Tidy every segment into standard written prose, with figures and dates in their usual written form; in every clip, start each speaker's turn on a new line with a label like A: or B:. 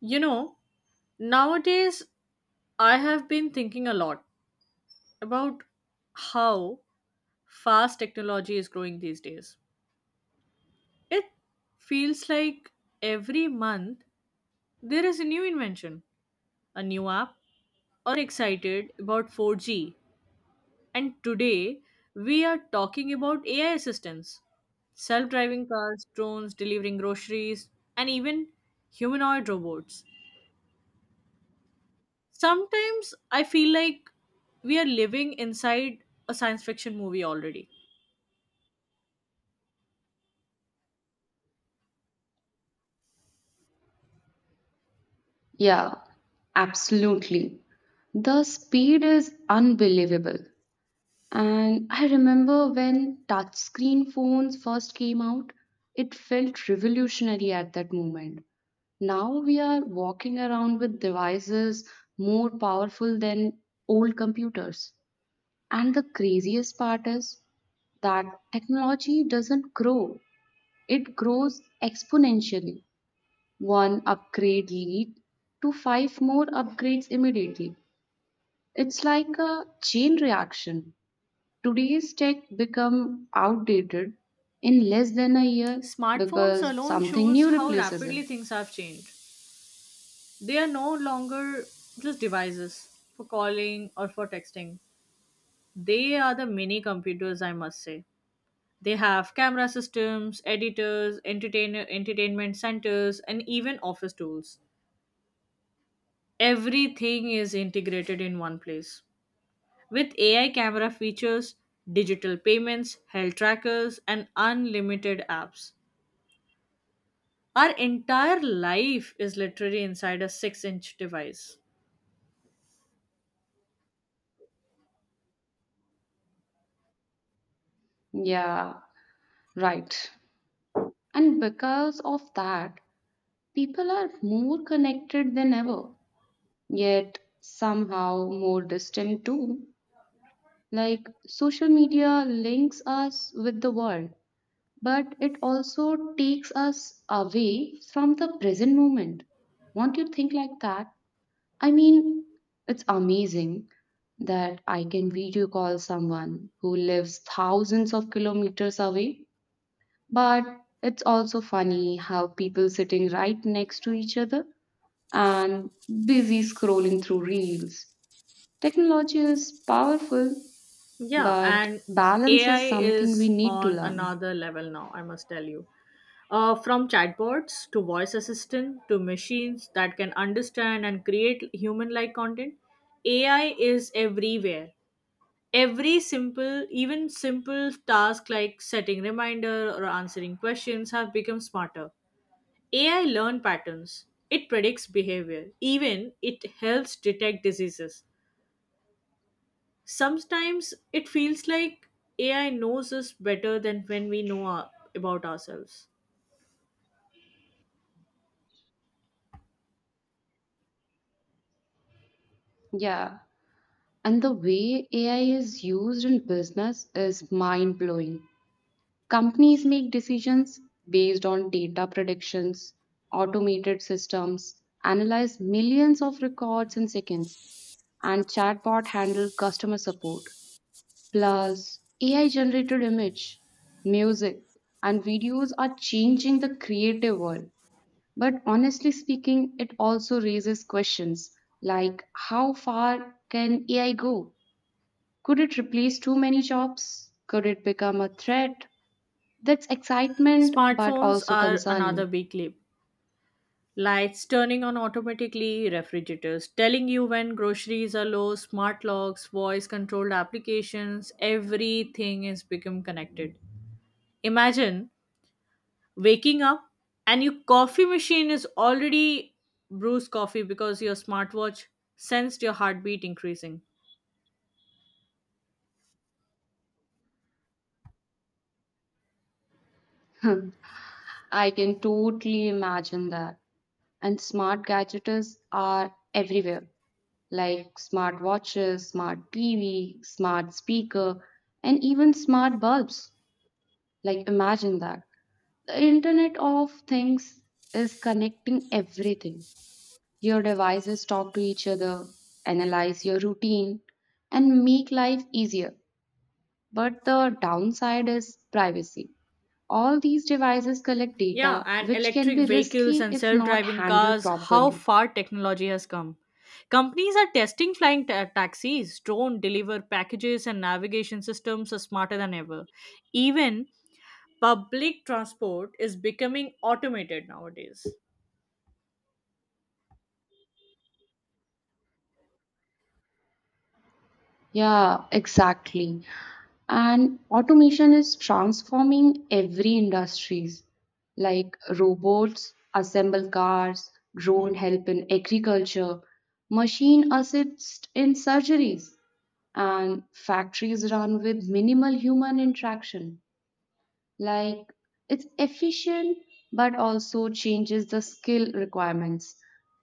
A: You know, nowadays I have been thinking a lot about how fast technology is growing these days. It feels like every month there is a new invention, a new app, or excited about 4G. And today we are talking about AI assistance, self driving cars, drones delivering groceries, and even humanoid robots. Sometimes I feel like we are living inside a science fiction movie already.
B: Yeah, absolutely. The speed is unbelievable. And I remember when touchscreen phones first came out, it felt revolutionary at that moment. Now we are walking around with devices more powerful than old computers. And the craziest part is that technology doesn't grow, it grows exponentially one upgrade lead to five more upgrades immediately. It's like a chain reaction. Today's tech become outdated in less than a year
A: Smartphones
B: because
A: alone
B: something
A: shows
B: new
A: how
B: replaces
A: rapidly
B: it.
A: things have changed. They are no longer just devices for calling or for texting. They are the mini computers, I must say. They have camera systems, editors, entertainer, entertainment centers, and even office tools. Everything is integrated in one place. With AI camera features, digital payments, health trackers, and unlimited apps, our entire life is literally inside a 6-inch device.
B: Yeah, right. And because of that, people are more connected than ever, yet somehow more distant too. Like social media links us with the world but it also takes us away from the present moment. Won't you think like that? I mean, it's amazing that I can video call someone who lives thousands of kilometers away, but it's also funny how people sitting right next to each other and busy scrolling through reels. Technology is powerful,
A: Yeah,
B: but
A: and
B: balance
A: AI
B: is something we
A: is
B: need to
A: on
B: learn.
A: another level now, I must tell you. From chatbots to voice assistant to machines that can understand and create human like content, AI is everywhere. Every simple even simple task like setting reminder or answering questions have become smarter. AI learn patterns, it predicts behavior, even it helps detect diseases. Sometimes it feels like AI knows us better than when we know our, about ourselves.
B: Yeah. And the way AI is used in business is mind blowing. Companies make decisions based on data predictions, automated systems analyze millions of records in seconds, and chatbot handle customer support. Plus, AI generated image, music, and videos are changing the creative world. But honestly speaking, it also raises questions like how far can AI go? Could it replace too many jobs? Could it become a threat? That's excitement, but
A: Smartphones
B: also
A: are another
B: concerning.
A: big leap. Lights turning on automatically, refrigerators telling you when groceries are low, smart locks, voice controlled applications, everything is become connected. Imagine waking up and your coffee machine is already brews coffee because your smartwatch sensed your heartbeat increasing.
B: I can totally imagine that. And smart gadgets are everywhere, like smart watches, smart TV, smart speaker, and even smart bulbs. Like, imagine that. The Internet of Things is connecting everything. Your devices talk to each other, analyze your routine, and make life easier. But the downside is privacy. All these devices collect
A: Yeah,
B: data,
A: and
B: which can
A: electric
B: be
A: vehicles
B: risky
A: and
B: if
A: self
B: not
A: driving
B: handled
A: cars, how
B: properly.
A: far technology has come. Companies are testing flying taxis, drone deliver packages, and navigation systems are smarter than ever. Even public transport is becoming automated nowadays.
B: Yeah, exactly. And automation is transforming every industries, like robots assemble cars, drone help in agriculture, machine assist in surgeries, and factories run with minimal human interaction. Like it's efficient but also changes the skill requirements.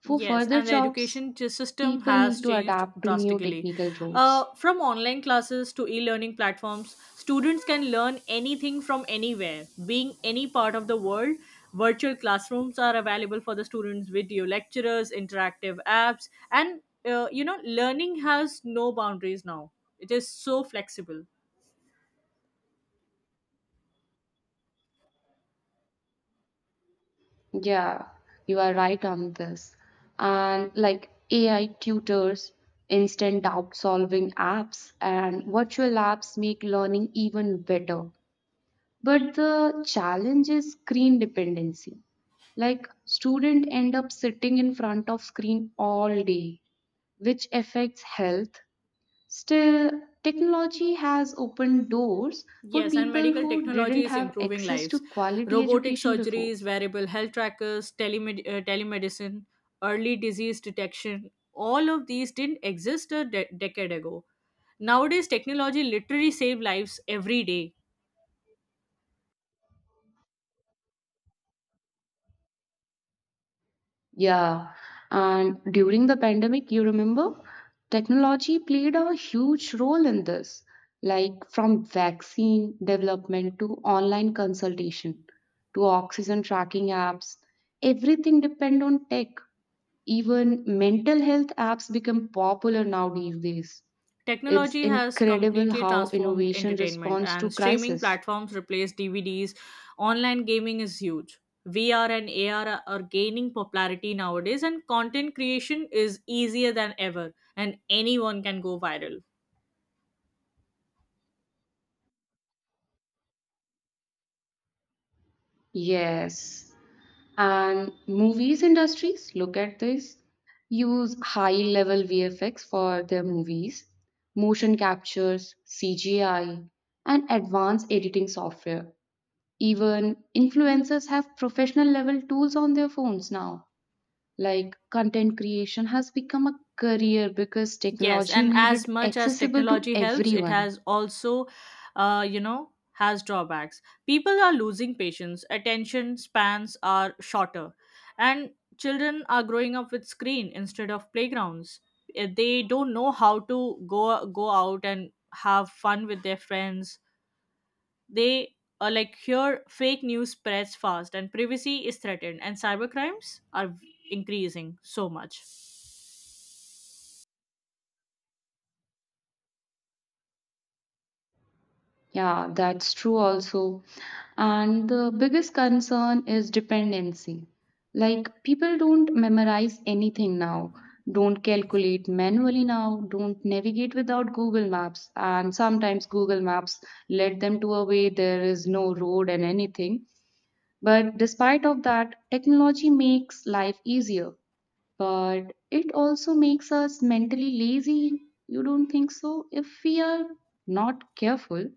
B: For
A: Yes,
B: further
A: and the
B: jobs,
A: education system
B: people
A: has
B: need to
A: changed
B: adapt to new
A: drastically.
B: technical roles.
A: From online classes to e learning platforms, students can learn anything from anywhere. Being any part of the world, virtual classrooms are available for the students, video lecturers, interactive apps, and learning has no boundaries now. It is so flexible.
B: Yeah, you are right on this. And like AI tutors, instant doubt solving apps, and virtual labs make learning even better. But the challenge is screen dependency. Like student end up sitting in front of screen all day, which affects health. Still, technology has opened doors for
A: Yes, and
B: people
A: medical
B: who
A: technology
B: didn't
A: is
B: have
A: improving
B: access
A: lives.
B: to quality
A: Robotic
B: education before.
A: surgeries, variable health trackers, telemedicine, early disease detection, all of these didn't exist a decade ago. Nowadays, technology literally saves lives every day.
B: Yeah. And during the pandemic, you remember, technology played a huge role in this, like from vaccine development to online consultation to oxygen tracking apps. Everything depend on tech. Even mental health apps become popular now these days. It's
A: Technology has
B: incredible
A: completely
B: how
A: transformed
B: innovation
A: entertainment,
B: responds to
A: and streaming
B: crisis.
A: platforms replace DVDs. Online gaming is huge. VR and AR are gaining popularity nowadays, and content creation is easier than ever, and anyone can go viral.
B: Yes. And movies industries, look at this, use high level VFX for their movies, motion captures, CGI, and advanced editing software. Even influencers have professional level tools on their phones now. Like content creation has become a career because
A: Yes,
B: technology
A: and
B: made it
A: as much as
B: accessible to
A: technology helps, it
B: everyone.
A: has also, has drawbacks. People are losing patience, attention spans are shorter, and children are growing up with screen instead of playgrounds. They don't know how to go out and have fun with their friends. They are like here fake news spreads fast, and privacy is threatened, and cyber crimes are increasing so much.
B: Yeah, that's true also. And the biggest concern is dependency. Like, people don't memorize anything now, don't calculate manually now, don't navigate without Google Maps. And sometimes Google Maps led them to a way there is no road and anything. But despite of that, technology makes life easier, but it also makes us mentally lazy. You don't think so? If we are not careful,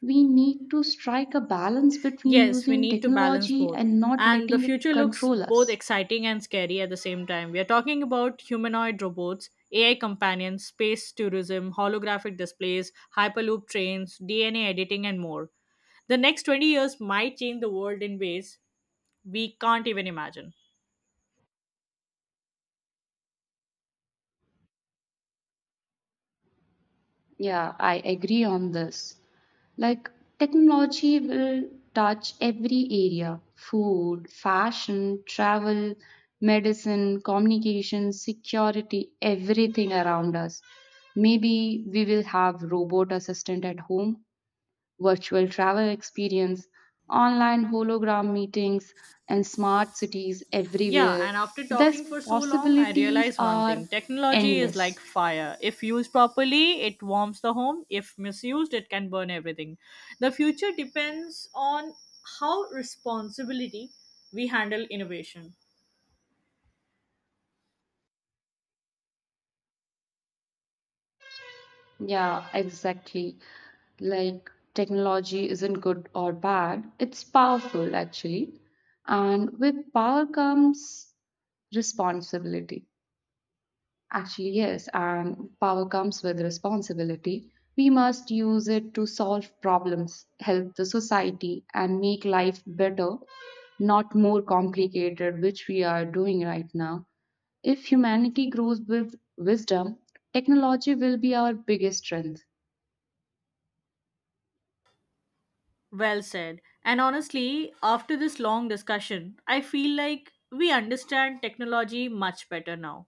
B: we need to strike a balance between
A: Yes, we
B: using
A: need to balance
B: technology
A: both.
B: and not
A: And the
B: letting it
A: future looks
B: control
A: both
B: us.
A: exciting and scary at the same time. We are talking about humanoid robots, AI companions, space tourism, holographic displays, hyperloop trains, DNA editing, and more. The next 20 years might change the world in ways we can't even imagine.
B: Yeah, I agree on this. Like, technology will touch every area food, fashion, travel, medicine, communication, security, everything around us. Maybe we will have robot assistant at home virtual travel experience, online hologram meetings, and smart cities
A: Yeah,
B: everywhere.
A: and after
B: These
A: talking for so long, I
B: possibilities
A: realized one thing.
B: are
A: Technology is like
B: endless.
A: fire. If used properly, it warms the home. If misused, it can burn everything. The future depends on how responsibility we handle innovation.
B: Yeah, exactly. Like technology isn't good or bad, it's powerful actually. And with power comes responsibility. Actually, yes, and power comes with responsibility. We must use it to solve problems, help the society, and make life better, not more complicated, which we are doing right now. If humanity grows with wisdom, technology will be our biggest strength.
A: Well said. And honestly, after this long discussion, I feel like we understand technology much better now.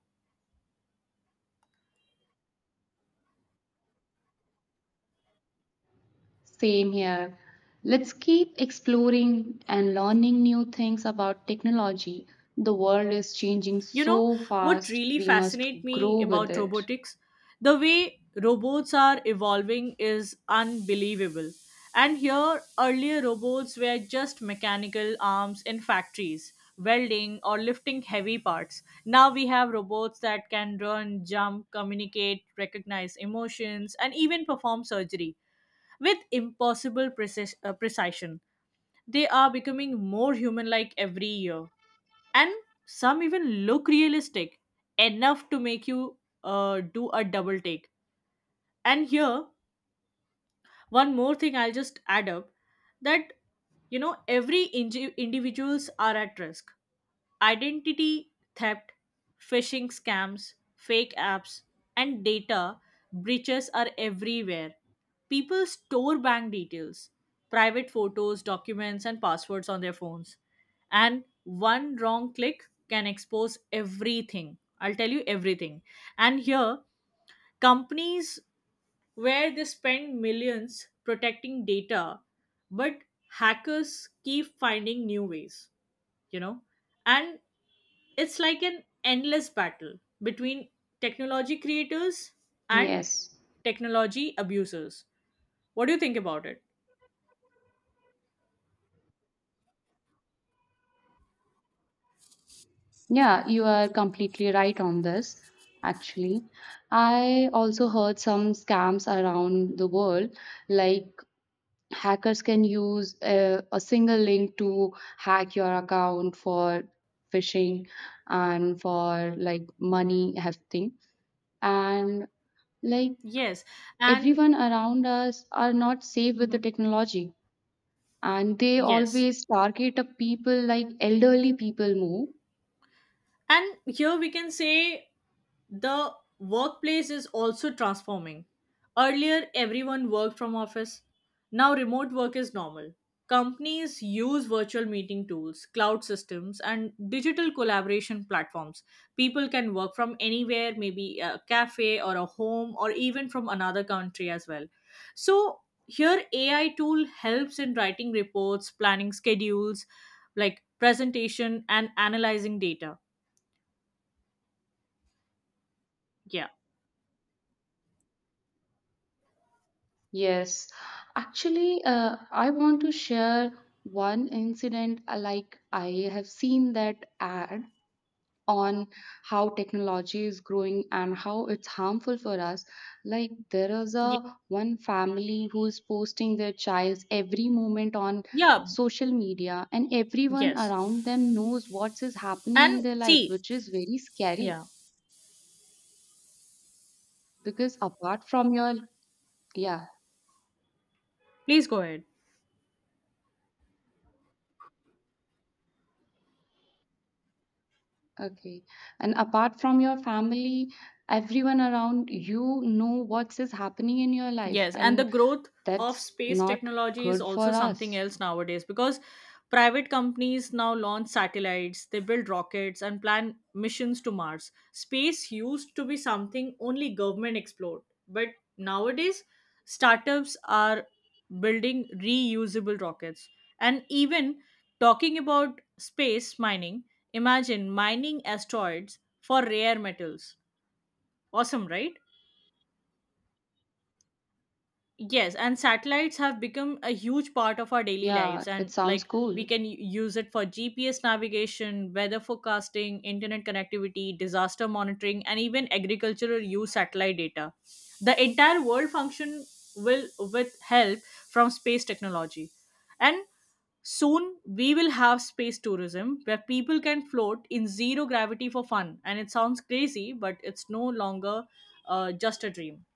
B: Same here. Let's keep exploring and learning new things about technology. The world is changing
A: You know,
B: so
A: what
B: fast,
A: really
B: we must
A: fascinates me
B: grow with
A: about
B: it.
A: robotics? The way robots are evolving is unbelievable. And here, earlier robots were just mechanical arms in factories, welding or lifting heavy parts. Now we have robots that can run, jump, communicate, recognize emotions, and even perform surgery with impossible precision. They are becoming more human like every year, and some even look realistic enough to make you do a double take. And here one more thing I'll just add up that, you know, every individuals are at risk. Identity theft, phishing scams, fake apps, and data breaches are everywhere. People store bank details, private photos, documents, and passwords on their phones. And one wrong click can expose everything. I'll tell you everything. And here, companies where they spend millions protecting data, but hackers keep finding new ways, you know? And it's like an endless battle between technology creators and
B: Yes.
A: technology abusers. What do you think about it?
B: Yeah, you are completely right on this, actually. I also heard some scams around the world, like hackers can use a single link to hack your account for phishing and for like money hefting. And like
A: Yes. And
B: everyone around us are not safe with the
A: mhm.
B: technology. And they
A: Yes.
B: always target a people like elderly people more.
A: And here we can say the workplace is also transforming. Earlier, everyone worked from office. Now, remote work is normal. Companies use virtual meeting tools, cloud systems, and digital collaboration platforms. People can work from anywhere, maybe a cafe or a home, or even from another country as well. So, here, AI tool helps in writing reports, planning schedules, like presentation, and analyzing data. Yeah.
B: Yes, actually, I want to share one incident. Like I have seen that ad on how technology is growing and how it's harmful for us. Like there is
A: Yeah.
B: a one family who is posting their child's every moment on
A: Yeah.
B: social media, and everyone
A: Yes.
B: around them knows what is happening in
A: And
B: their life,
A: see,
B: which is very scary
A: yeah,
B: because apart from your yeah.
A: please go ahead.
B: Okay. And apart from your family, everyone around you know what is happening in your life,
A: Yes, and the
B: and
A: growth of
B: that's
A: space
B: not
A: technology is
B: good for
A: also something
B: us.
A: else nowadays because private companies now launch satellites, they build rockets, and plan missions to Mars. Space used to be something only government explored, but nowadays, startups are building reusable rockets. And even talking about space mining, imagine mining asteroids for rare metals. Awesome, right? Yes, and satellites have become a huge part of our daily lives,
B: Yeah, it
A: and
B: sounds
A: like we
B: cool.
A: can use it for GPS navigation, weather forecasting, internet connectivity, disaster monitoring, and even agricultural use satellite data. The entire world function will with help from space technology, and soon we will have space tourism where people can float in zero gravity for fun. And it sounds crazy, but it's no longer just a dream.